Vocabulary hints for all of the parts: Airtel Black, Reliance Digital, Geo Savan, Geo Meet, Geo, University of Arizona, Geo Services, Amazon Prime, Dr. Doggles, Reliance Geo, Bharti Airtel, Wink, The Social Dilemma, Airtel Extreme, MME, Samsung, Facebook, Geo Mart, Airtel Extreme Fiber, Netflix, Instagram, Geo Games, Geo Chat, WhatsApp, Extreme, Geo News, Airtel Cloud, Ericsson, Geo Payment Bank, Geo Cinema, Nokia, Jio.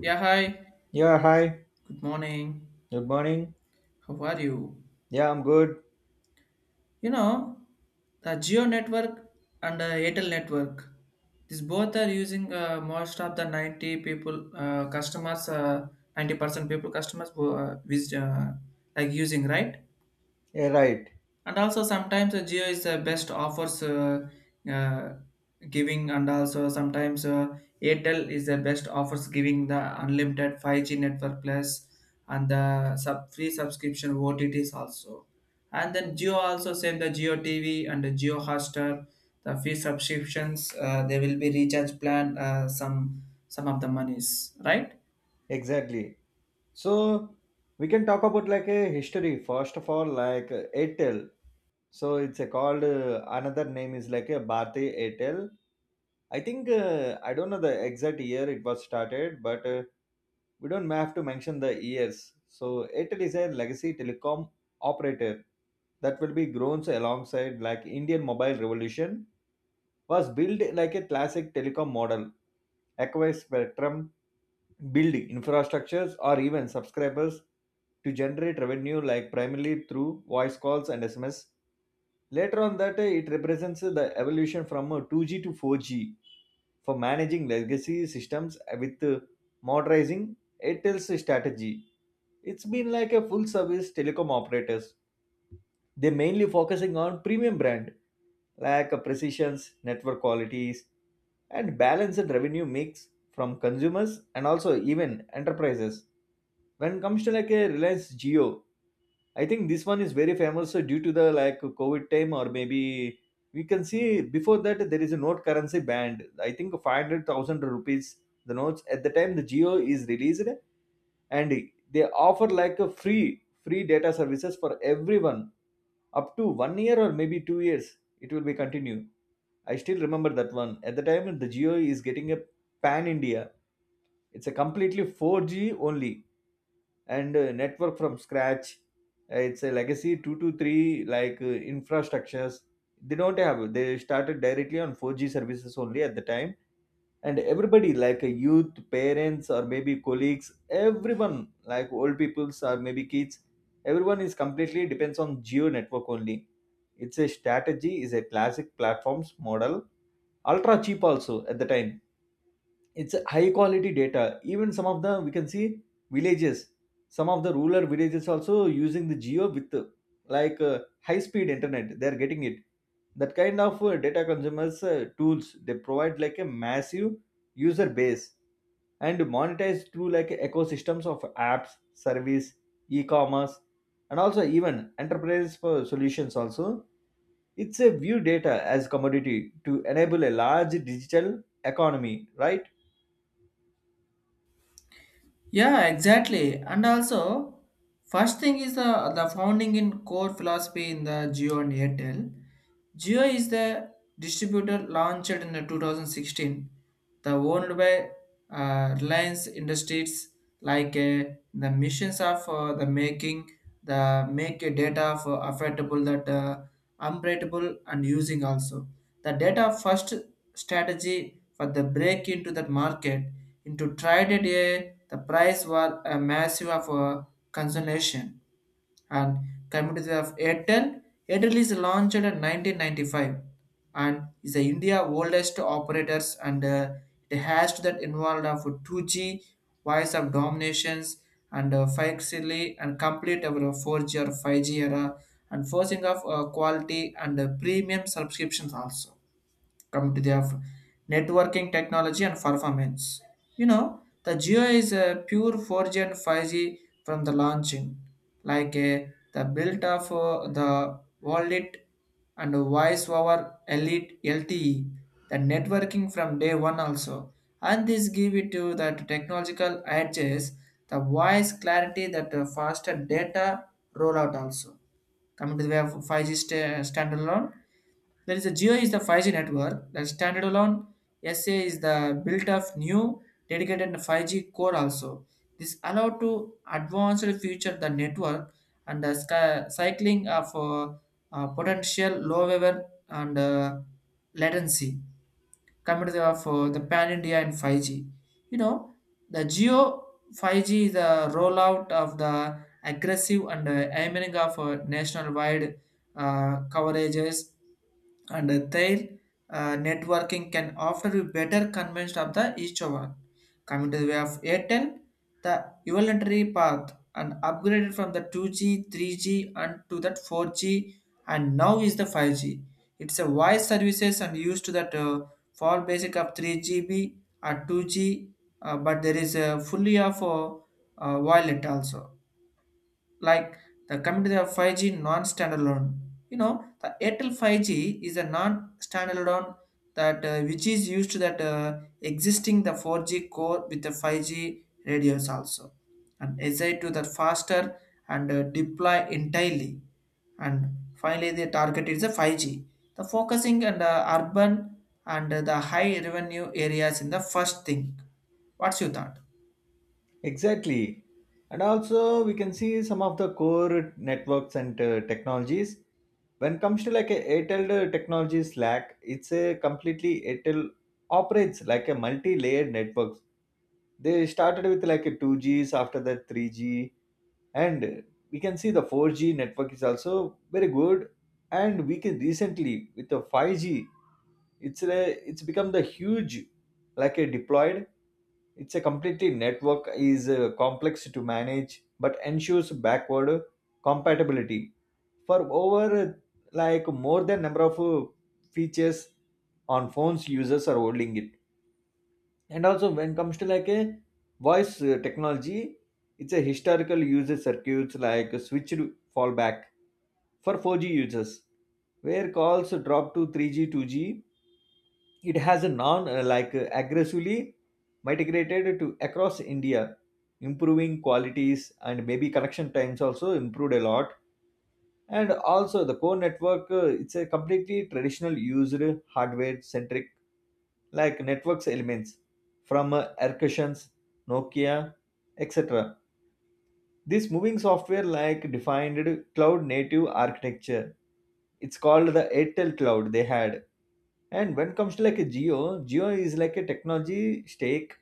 Yeah, hi. Yeah, hi. Good morning. Good morning. How are you? Yeah, I'm good. You know, the Geo network and the Airtel network. These both are using most of the 90 people customers. 90% people customers who, visit, like using, right? Yeah, right. And also sometimes geo is the best offers uh, giving, and also sometimes airtel is the best offers giving the unlimited 5G network plus and the sub free subscription otts also. And then geo also same, the geo tv and the geo hotstar, the free subscriptions, there will be recharge plan, some of the monies, right? Exactly. So we can talk about like a history first of all, like Airtel. So it's a called another name is like a Bharti Airtel. I think I don't know the exact year it was started, but we don't have to mention the years. So Airtel is a legacy telecom operator that will be grown alongside like Indian mobile revolution, was built like a classic telecom model, acquire spectrum, build infrastructures, or even subscribers to generate revenue, like primarily through voice calls and SMS. Later on, that it represents the evolution from 2G to 4G, for managing legacy systems with modernizing Airtel's strategy. It's been like a full service telecom operators, they mainly focusing on premium brand, like a precisions, network qualities, and balanced revenue mix from consumers and also even enterprises. When it comes to like a Reliance Geo, I think this one is very famous, so due to the like COVID time, or maybe we can see before that, there is a note currency band. I think 500,000 rupees the notes, at the time the Geo is released, and they offer like a free data services for everyone up to 1 year or maybe 2 years it will be continue. I still remember that one, at the time the geo is getting a pan india, it's a completely 4G only and network from scratch. It's a legacy 2 to 3 like infrastructures they don't have, they started directly on 4G services only at the time, and everybody like a youth parents or maybe colleagues, everyone like old peoples or maybe kids, everyone is completely depends on geo network only. It's a strategy is a classic platforms model, ultra cheap also at the time, it's a high quality data, even some of the we can see villages, some of the rural villages also using the geo with like high speed internet they are getting it, that kind of data consumers tools they provide like a massive user base, and monetize through like ecosystems of apps service, e-commerce, and also even enterprise for solutions also, it's a view data as commodity to enable a large digital economy, right? Yeah, exactly. And also, first thing is the founding in core philosophy in the Geo and Airtel. Jio is the distributor launched in 2016, the owned by Reliance Industries, like the missions of the making the make a data for affordable that unbreakable and using also the data first strategy for the break into that market, into traded a the price was a massive of consolation and communities of Airtel. Airtel is launched in 1995 and is the India oldest operators, and it has that involved of 2G voice of dominations and 5 and complete our 4G or 5G era, and forcing of quality and premium subscriptions also. Come to their networking technology and performance. The Geo is a pure 4G and 5G from the launching, like a, the build of the wallet and voice over elite LTE, the networking from day one also. And this give it to that technological edges, the voice clarity, that faster data rollout also. Coming to the way of 5G standalone, there is a Geo is the 5G network that is standalone. SA is the built of new dedicated 5G core also. This allow to advanced future the network and the sky, cycling of potential low level and latency community of the pan India and 5G. You know, the Geo 5G is the rollout of the aggressive and aiming of nationwide coverages, and their networking can offer you better convenience of the each one. Coming to the way of Airtel, the evolutionary path and upgraded from the 2G, 3G and to that 4G, and now is the 5G. It's a wide services and used to that for basic of 3GB or 2G, but there is a fully of wallet also, like the coming to the 5G non-standalone. The Airtel 5G is a non-standalone that which is used to that existing the 4G core with the 5G radios also, and SI to the faster and deploy entirely. And finally, the target is the 5G. The focusing and the urban and the high revenue areas in the first thing. What's your thought? Exactly. And also we can see some of the core networks and technologies. When it comes to like a Airtel technologies lack, it's a completely Airtel operates like a multi-layered networks. They started with like a 2Gs, after that 3G, and we can see the 4G network is also very good, and we can recently with the 5G it's become the huge like a deployed, it's a completely network is complex to manage, but ensures backward compatibility for over like more than number of features on phones users are holding it. And also when it comes to like a voice technology, it's a historical user circuits like a switched fallback for 4G users, where calls drop to 3G, 2G, it has a non like aggressively migrated to across india, improving qualities and maybe connection times also improved a lot. And also the core network it's a completely traditional used hardware centric like networks elements from Ercusions, nokia etc, this moving software like defined cloud native architecture, it's called the airtel cloud they had. And when it comes to like a Geo, Geo is like a technology stake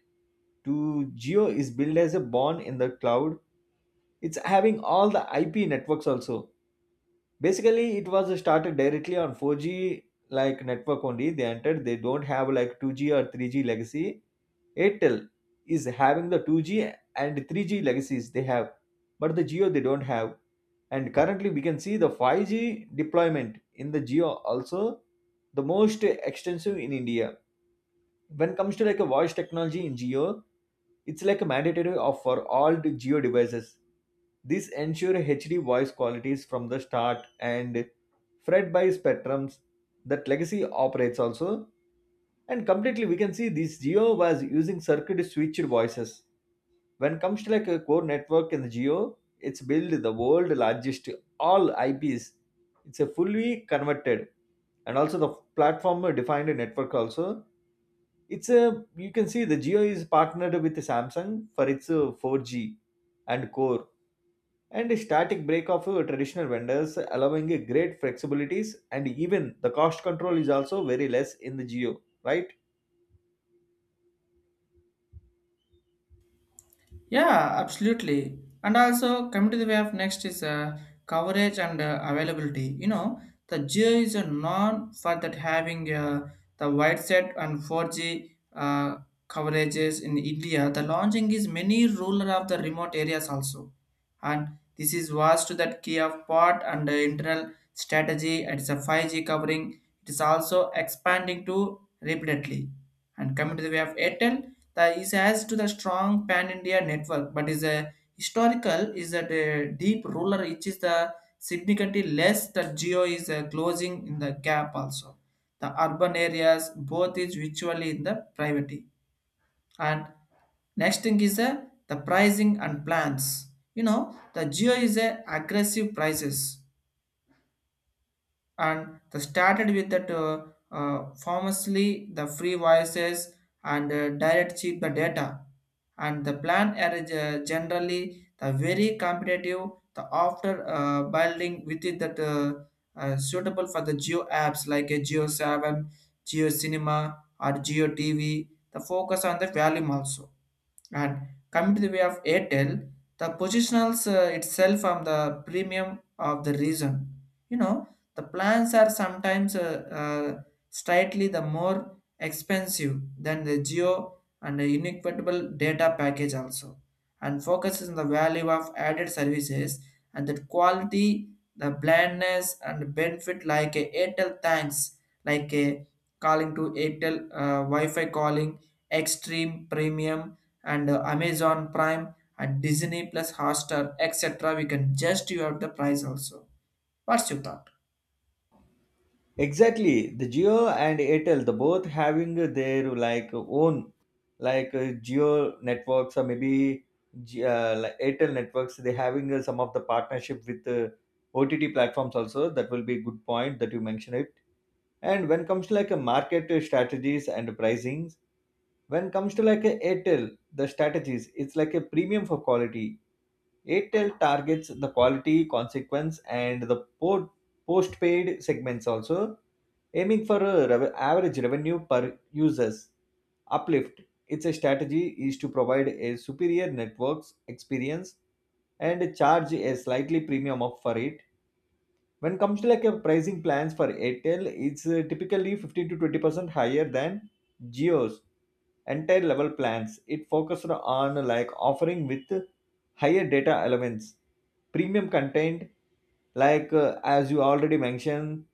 to, Geo is built as a born in the cloud. It's having all the IP networks also. Basically, it was started directly on 4G like network only. They entered. They don't have like 2G or 3G legacy. Airtel is having the 2G and 3G legacies they have, but the Geo they don't have. And currently, we can see the 5G deployment in the Geo also, the most extensive in India. When it comes to like a voice technology in geo, it's like a mandatory of for all the geo devices, this ensure hd voice qualities from the start, and fed by spectrums that legacy operates also. And completely we can see this geo was using circuit switched voices. When it comes to like a core network in the geo, it's built the world largest all ips, it's a fully converted, and also the platform defined network also. It's a, you can see the Geo is partnered with Samsung for its 4G and core, and a static break of traditional vendors allowing a great flexibilities, and even the cost control is also very less in the Geo, right? Yeah, absolutely. And also, coming to the way of next is coverage and availability. The Geo is a non for that having the wide set and 4G coverages in India. The launching is many rural of the remote areas also, and this is vast to that key of part and internal strategy. It's a 5G covering. It is also expanding to repeatedly, and coming to the way of Airtel that is as to the strong pan-India network, but is a historical is that a deep ruler which is the significantly less, that geo is closing in the gap also. The urban areas both is virtually in the privacy, and next thing is the pricing and plans. The geo is a aggressive prices, and they started with that famously the free voices and direct cheap the data, and the plan are generally the very competitive, the after building within that suitable for the geo apps like a geo 7, geo cinema or geo tv, the focus on the volume also. And coming to the way of Airtel, the positionals itself on the premium of the reason. You know, the plans are sometimes slightly the more expensive than the geo and the inequitable data package also, and focuses on the value of added services and the quality, the blandness and benefit like a Airtel thanks, like a calling to Airtel Wi-Fi calling, extreme premium and Amazon Prime and Disney Plus Hotstar, etc. We can just you have the price also. What's your thought? Exactly, the Geo and Airtel the both having their like own, like Geo networks or maybe like Airtel networks, they having some of the partnership with OTT platforms also, that will be a good point that you mentioned it. And when comes to like a market strategies and pricings, when comes to like a Airtel, the strategies, it's like a premium for quality. Airtel targets the quality, consequence, and the port postpaid segments also, aiming for a average revenue per users uplift. Its strategy is to provide a superior networks experience and charge a slightly premium of for it. When it comes to like a pricing plans for Airtel, it's typically 15 to 20% higher than Geo's entire level plans. It focused on like offering with higher data elements, premium content, like as you already mentioned,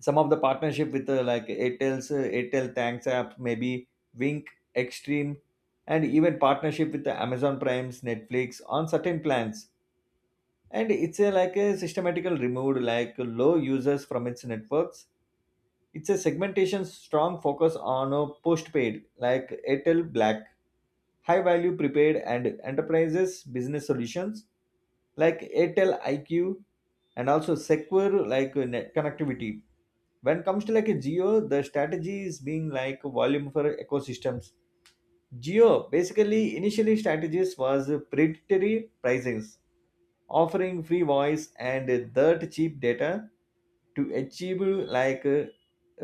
some of the partnership with like Airtel's Airtel Thanks app, maybe Wink, Extreme, and even partnership with the Amazon Prime's Netflix on certain plans. And it's a like a systematical removed like low users from its networks, it's a segmentation strong focus on a postpaid like airtel black, high value prepaid and enterprises business solutions like airtel iq, and also secure like net connectivity. When comes to like a geo, the strategy is being like volume for ecosystems, geo basically initially strategies was predatory pricings offering free voice and dirt cheap data to achieve like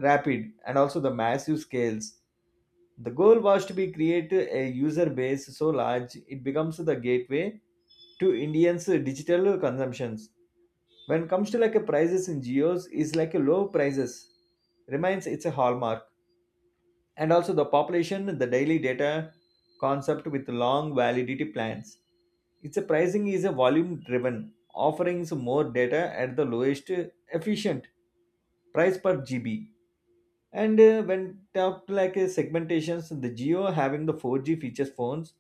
rapid and also the massive scales. The goal was to be create a user base so large it becomes the gateway to Indians' digital consumptions. When it comes to like a prices in geos, is like a low prices remains its a hallmark, and also the population the daily data concept with long validity plans, its pricing is a volume driven offering more data at the lowest efficient price per gb. And when talked like segmentations, the geo having the 4G features phones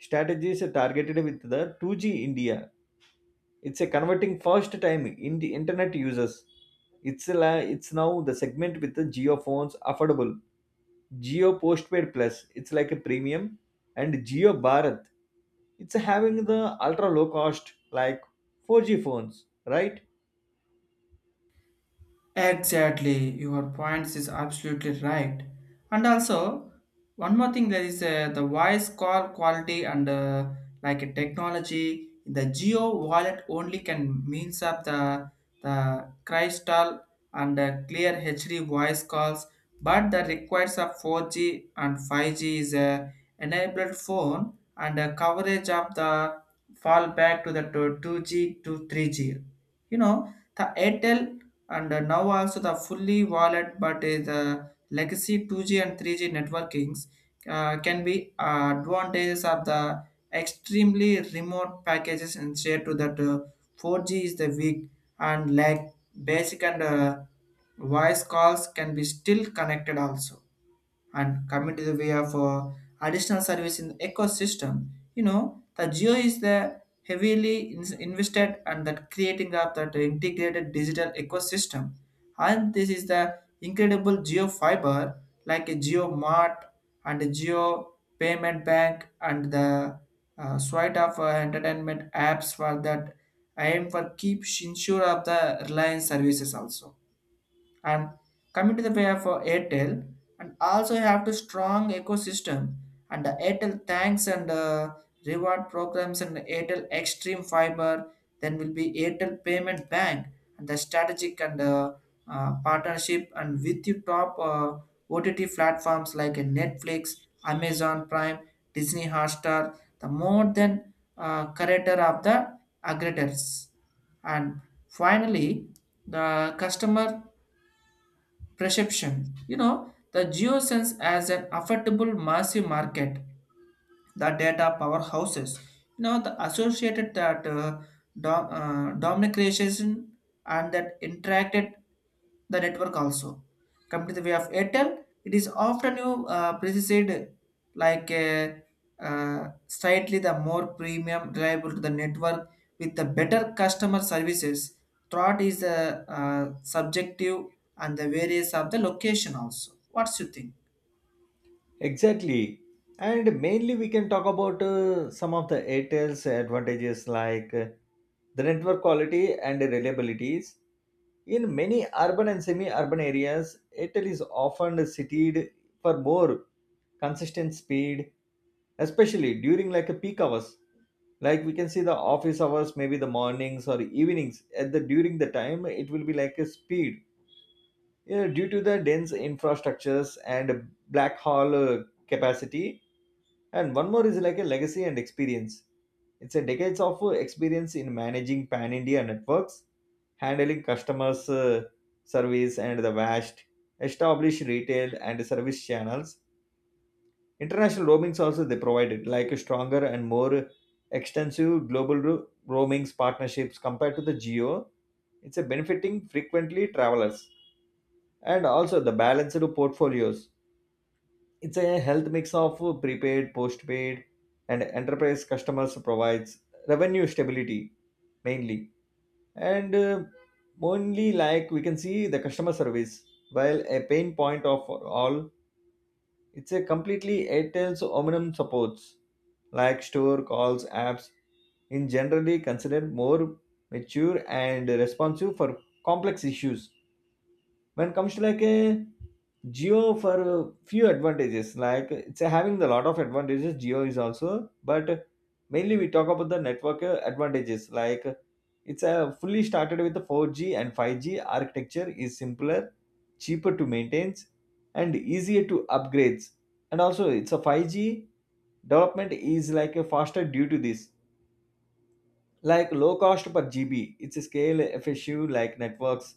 strategies are targeted with the 2G india, it's a converting first time in the internet users. It's now the segment with the geo phones affordable. Geo Postpaid Plus, it's like a premium, and Geo Bharat, it's having the ultra low cost like 4G phones, right? Exactly, your points is absolutely right. And also, one more thing there is the voice call quality and like a technology. The geo wallet only can means up the crystal and clear HD voice calls, but the requires of 4G and 5G is a enabled phone and coverage of the fall back to the to 2G to 3G. The Airtel and now also the fully wallet, but the legacy 2G and 3G networkings can be advantages of the extremely remote packages and share to that 4G is the weak and lag basic, and voice calls can be still connected also. And coming to the way of additional service in the ecosystem. The Geo is the heavily invested and that creating up that integrated digital ecosystem. And this is the incredible Geo fiber like a Geo Mart and a Geo Payment Bank and the suite of entertainment apps for that aim for keep ensure of the Reliance services also. And coming to the way of airtel, and also have the strong ecosystem and the airtel thanks and reward programs and airtel extreme fiber, then will be airtel payment bank and the strategic and partnership and with your top ott platforms like netflix, amazon prime, disney hotstar, the more than curator of the aggregators. And finally, the customer perception. The geosense as an affordable massive market, the data powerhouses. The associated that dominication and that interacted the network also. Come to the way of Airtel, it is often you precised like slightly the more premium reliable to the network with the better customer services. Thought is the subjective and the various of the location also. What's you think? Exactly. And mainly we can talk about some of the Airtel's advantages like the network quality and reliabilities. In many urban and semi-urban areas, Airtel is often cited for more consistent speed, especially during like a peak hours. Like we can see the office hours, maybe the mornings or evenings. At the during the time, it will be like a speed, yeah, due to the dense infrastructures and black hole capacity. And one more is like a legacy and experience. It's a decades of experience in managing pan-India networks, handling customers' service, and the vast established retail and service channels. International roamings also they provided like a stronger and more extensive global roamings partnerships compared to the geo. It's a benefiting frequently travelers, and also the balanced portfolios. It's a health mix of prepaid, postpaid, and enterprise customers provides revenue stability mainly. And only like we can see the customer service, while a pain point of all, it's a completely Airtel's Omnium supports like store calls apps, in generally considered more mature and responsive for complex issues. When it comes to like a geo for a few advantages, like it's having a lot of advantages geo is also, but mainly we talk about the network advantages, like it's a fully started with the 4G, and 5G architecture is simpler cheaper to maintain and easier to upgrades. And also it's a 5G development is like a faster due to this like low cost per GB, it's scale FSU like networks.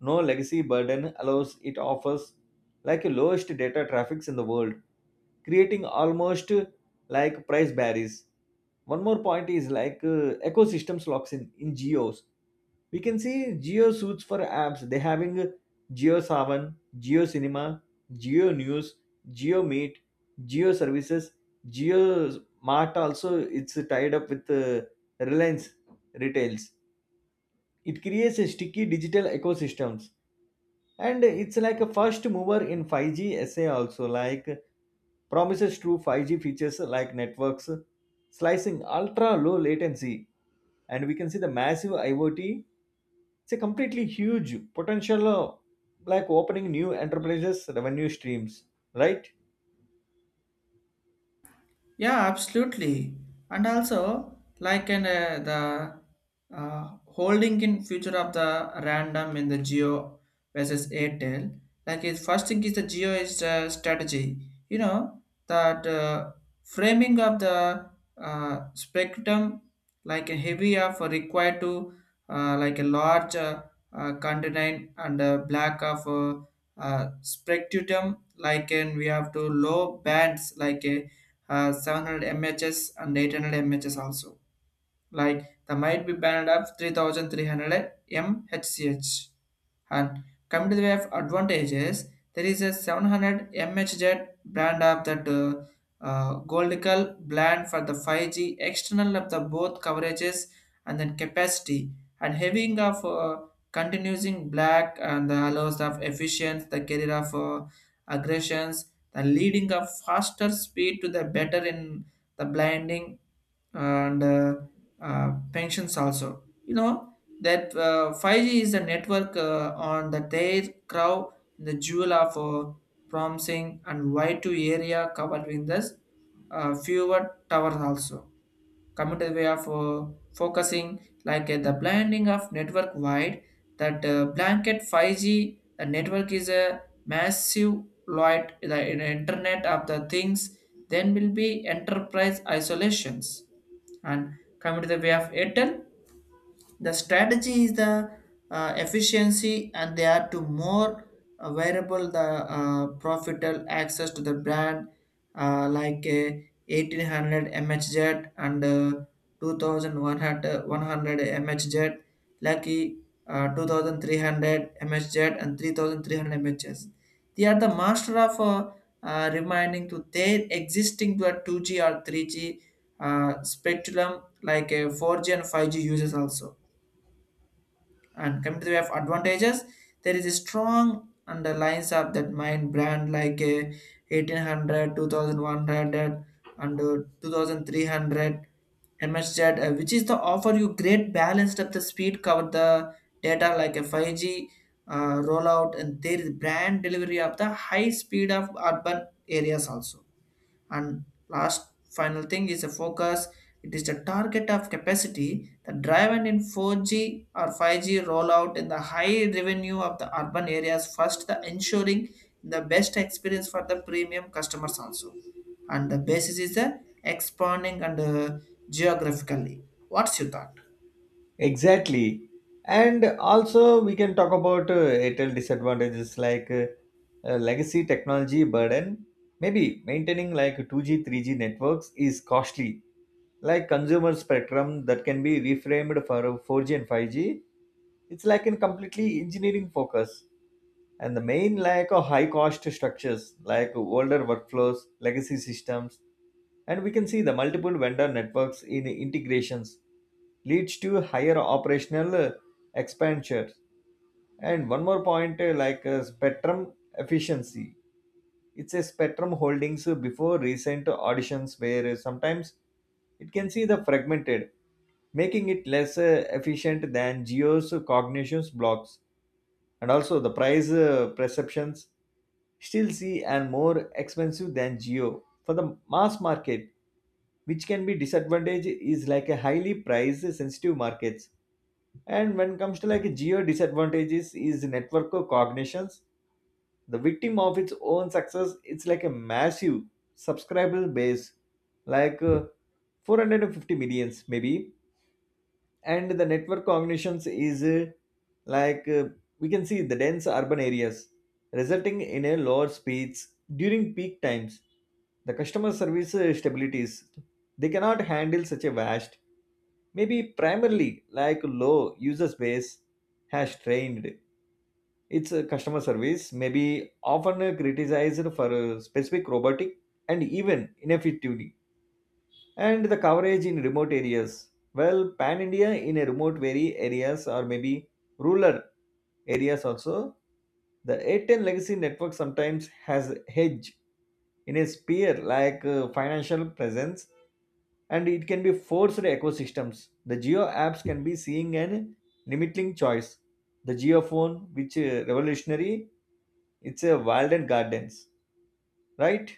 No legacy burden allows it offers like lowest data traffics in the world, creating almost like price barriers. One more point is like ecosystems locks in geos. We can see geo suits for apps. They having Geo Savan, Geo Cinema, Geo News, Geo Meet, Geo Services, Geo Mart. Also, it's tied up with Reliance Retails. It creates a sticky digital ecosystems, and it's like a first mover in 5G SA. Also, like promises true 5G features like networks slicing, ultra low latency, and we can see the massive IoT. It's a completely huge potential, like opening new enterprises, revenue streams, right? Yeah, absolutely. And also, like in the holding in future of the random in the Geo versus Airtel, like his first thing is the Geo is the strategy. You know that framing of the spectrum, like a heavy of required to like a large continent and a black of spectrum, like and we have to low bands like a 700 mhs and 800 mhs also, like the might be banned of 3300 mhch. And coming to the way of advantages, there is a 700 mhz brand of that goldical brand for the 5G external of the both coverages and then capacity, and having of continuing black and the allows of efficient the carrier of aggressions, the leading of faster speed to the better in the blinding and pensions also. That 5G is a network on the their crow in the jewel of promising and wide to area covered with this fewer towers also. Committed way of focusing like the blending of network wide, that blanket 5G, the network is a massive light the internet of the things, then will be enterprise isolations. And coming to the way of airtel, the strategy is the efficiency, and they are to more variable the profitable access to the brand like a 1800 mhz and 2100 mhz, lucky 2300 mhz and 3300 mhz. They are the master of reminding to their existing to a 2G or 3G spectrum like a 4G and 5G users also. And coming to the way of advantages, there is a strong underlines of that mine brand like 1800, and 2300 MHz, which is the offer you great balance of the speed cover the data like a 5G rollout, and there is brand delivery of the high speed of urban areas also. And last final thing is a focus, it is the target of capacity that driven in 4G or 5G rollout in the high revenue of the urban areas first, the ensuring the best experience for the premium customers also, and the basis is the expanding and geographically. What's your thought? Exactly. And also, we can talk about Airtel disadvantages like legacy technology burden. Maybe maintaining like 2G, 3G networks is costly. Like consumer spectrum that can be reframed for 4G and 5G, it's like in completely engineering focus. And the main lack of high cost structures like older workflows, legacy systems, and we can see the multiple vendor networks in integrations leads to higher operational expenditure. And one more point, spectrum efficiency. It's a spectrum holdings before recent auditions where sometimes it can see the fragmented, making it less efficient than Geo's cognitions blocks. And also the price perceptions still see and more expensive than Geo. For the mass market, which can be disadvantage is like a highly price sensitive markets. And when it comes to like geo disadvantages is network of cognitions, the victim of its own success, it's like a massive subscriber base, like 450 millions maybe. And the network cognitions is like uh, we can see the dense urban areas, resulting in a lower speeds during peak times. The customer service stabilities, they cannot handle such a vast, maybe primarily like low user space, has trained its customer service maybe often criticized for specific robotic and even ineffectivity, and the coverage in remote areas, well pan india in a remote very areas or maybe rural areas also. The 810 legacy network sometimes has hedge in a sphere like financial presence, and it can be forced ecosystems. The geo apps can be seeing an limiting choice. The geophone, which revolutionary, it's a wild and gardens, right?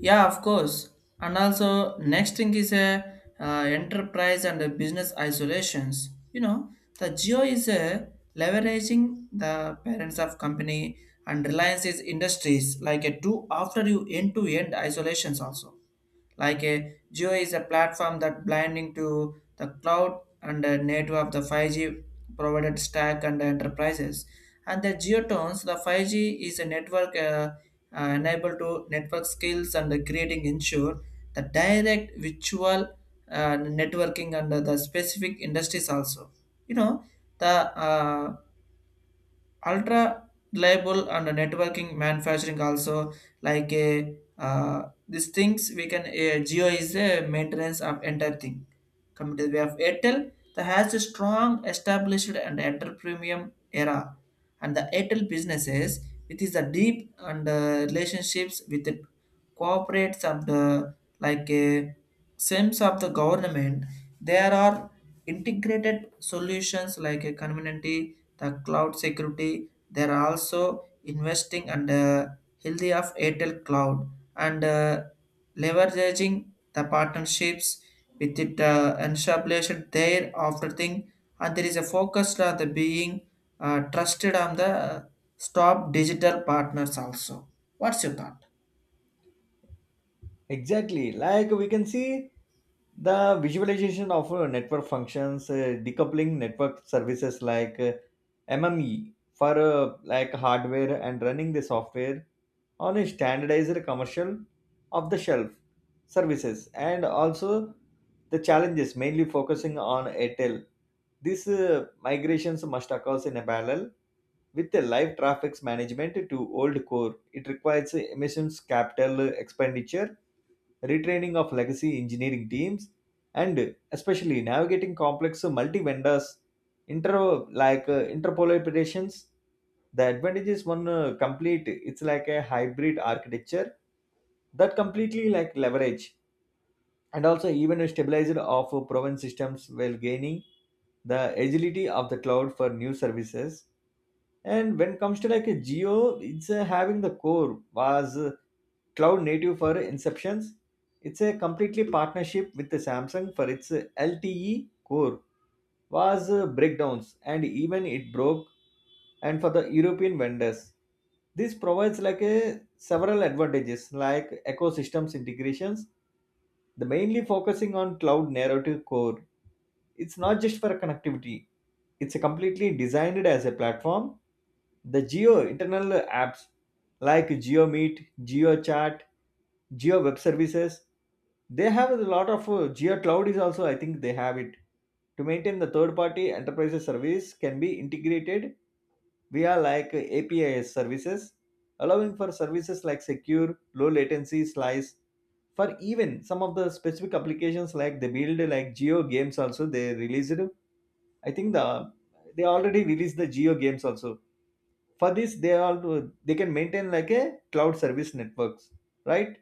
Yeah, of course. And also, next thing is a enterprise and a business isolations. The Geo is a leveraging the parents of company and Reliance is industries like a two after you end to end isolations also. Like a Geo is a platform that blending to the cloud and the native of the 5G provided stack and enterprises. And the Geotones, the 5G is a network enabled to network skills and the creating ensure the direct virtual networking under the specific industries also. You know, the ultra reliable and networking manufacturing also, like a uh, these things we can geo is a maintenance of entire thing. Coming to the way of airtel, that has a strong established and enter premium era, and the airtel businesses, it is a deep and relationships with the corporates of the like a sense of the government. There are integrated solutions like a community, the cloud security. There are also investing and healthy of Airtel Cloud, and leveraging the partnerships with it and established there after thing, and there is a focus on the being trusted on the stop digital partners also. What's your thought? Exactly. Like we can see the visualization of network functions, decoupling network services like MME for like hardware and running the software on a standardized commercial off the shelf services. And also the challenges mainly focusing on Airtel, these migrations must occur in a parallel with a live traffic management to old core. It requires emissions capital expenditure, retraining of legacy engineering teams, and especially navigating complex multi vendors, inter interpolations. The advantage is one complete. It's like a hybrid architecture that completely like leverage and also even a stabilizer of proven systems while gaining the agility of the cloud for new services. And when it comes to like a geo, it's having the core was cloud native for inceptions. It's a completely partnership with the samsung for its LTE core was breakdowns and even it broke and for the european vendors. This provides like a several advantages like ecosystems integrations, the mainly focusing on cloud narrative core. It's not just for connectivity, it's a completely designed as a platform. The geo internal apps like geo meet, geo chat, geo web services, they have a lot of geo cloud is also, I think they have it to maintain the third party enterprise service can be integrated via like APIs services, allowing for services like secure low latency slice for even some of the specific applications like they build like geo games also. They released, I think, they already released the geo games also. For this they all, they can maintain like a cloud service networks, right?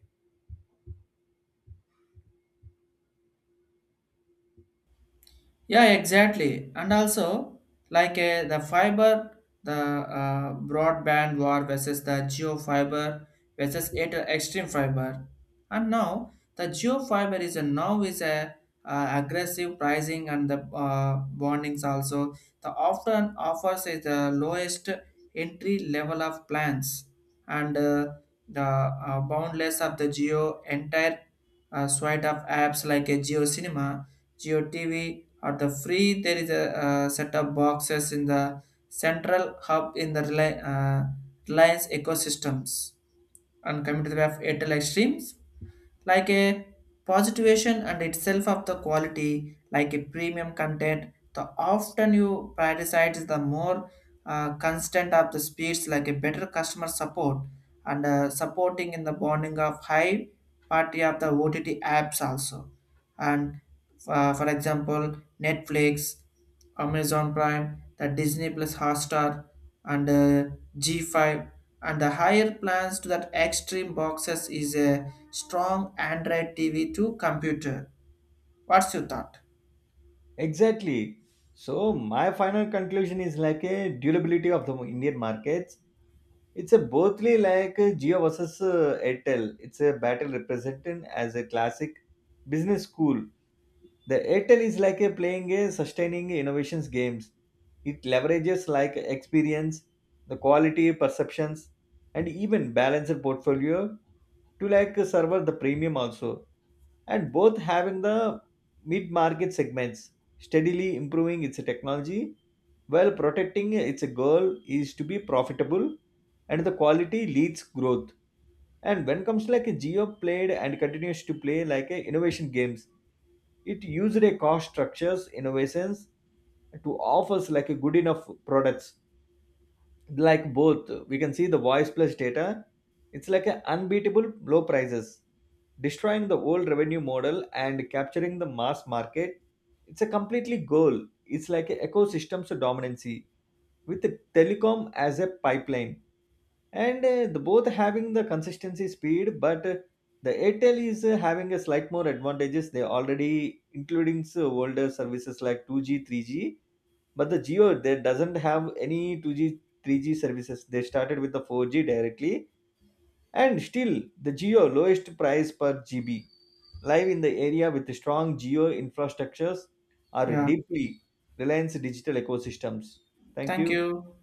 Yeah, exactly. And also, like the fiber, the broadband war versus the geo fiber versus extreme fiber. And now, the geo fiber is a now is a aggressive pricing and the bondings also. The often offers is the lowest entry level of plans, and the boundless of the geo entire suite of apps like a geo cinema, geo TV at the free, there is a set of boxes in the central hub in the Reliance ecosystems. And coming to the way of Airtel Extremes, like a positivation and itself of the quality, like a premium content, the often you prioritize the more constant of the speeds, like a better customer support and supporting in the bonding of high party of the OTT apps also. And for example, Netflix, Amazon Prime, the Disney Plus Hotstar, and G5. And the higher plans to that extreme boxes is a strong Android TV to computer. What's your thought? Exactly. So my final conclusion is like a durability of the indian markets, it's a bothly like Jio versus Airtel. It's a battle represented as a classic business school. The Airtel is like a playing a sustaining innovations games. It leverages like experience, the quality perceptions, and even balanced portfolio to like serve the premium also. And both having the mid-market segments steadily improving its technology while protecting its goal is to be profitable and the quality leads growth. And when comes like a Geo played and continues to play like a innovation games, it used a cost structures innovations to offers like a good enough products like both we can see the voice plus data. It's like an unbeatable low prices destroying the old revenue model and capturing the mass market. It's a completely goal, it's like an ecosystem's dominancy with the telecom as a pipeline. And the both having the consistency speed but the airtel is having a slight more advantages. They already including older services like 2G, 3G, but the geo they doesn't have any 2G, 3G services. They started with the 4G directly and still the geo lowest price per GB, live in the area with strong geo infrastructures are Yeah, deeply reliance digital ecosystems. Thank thank you. you.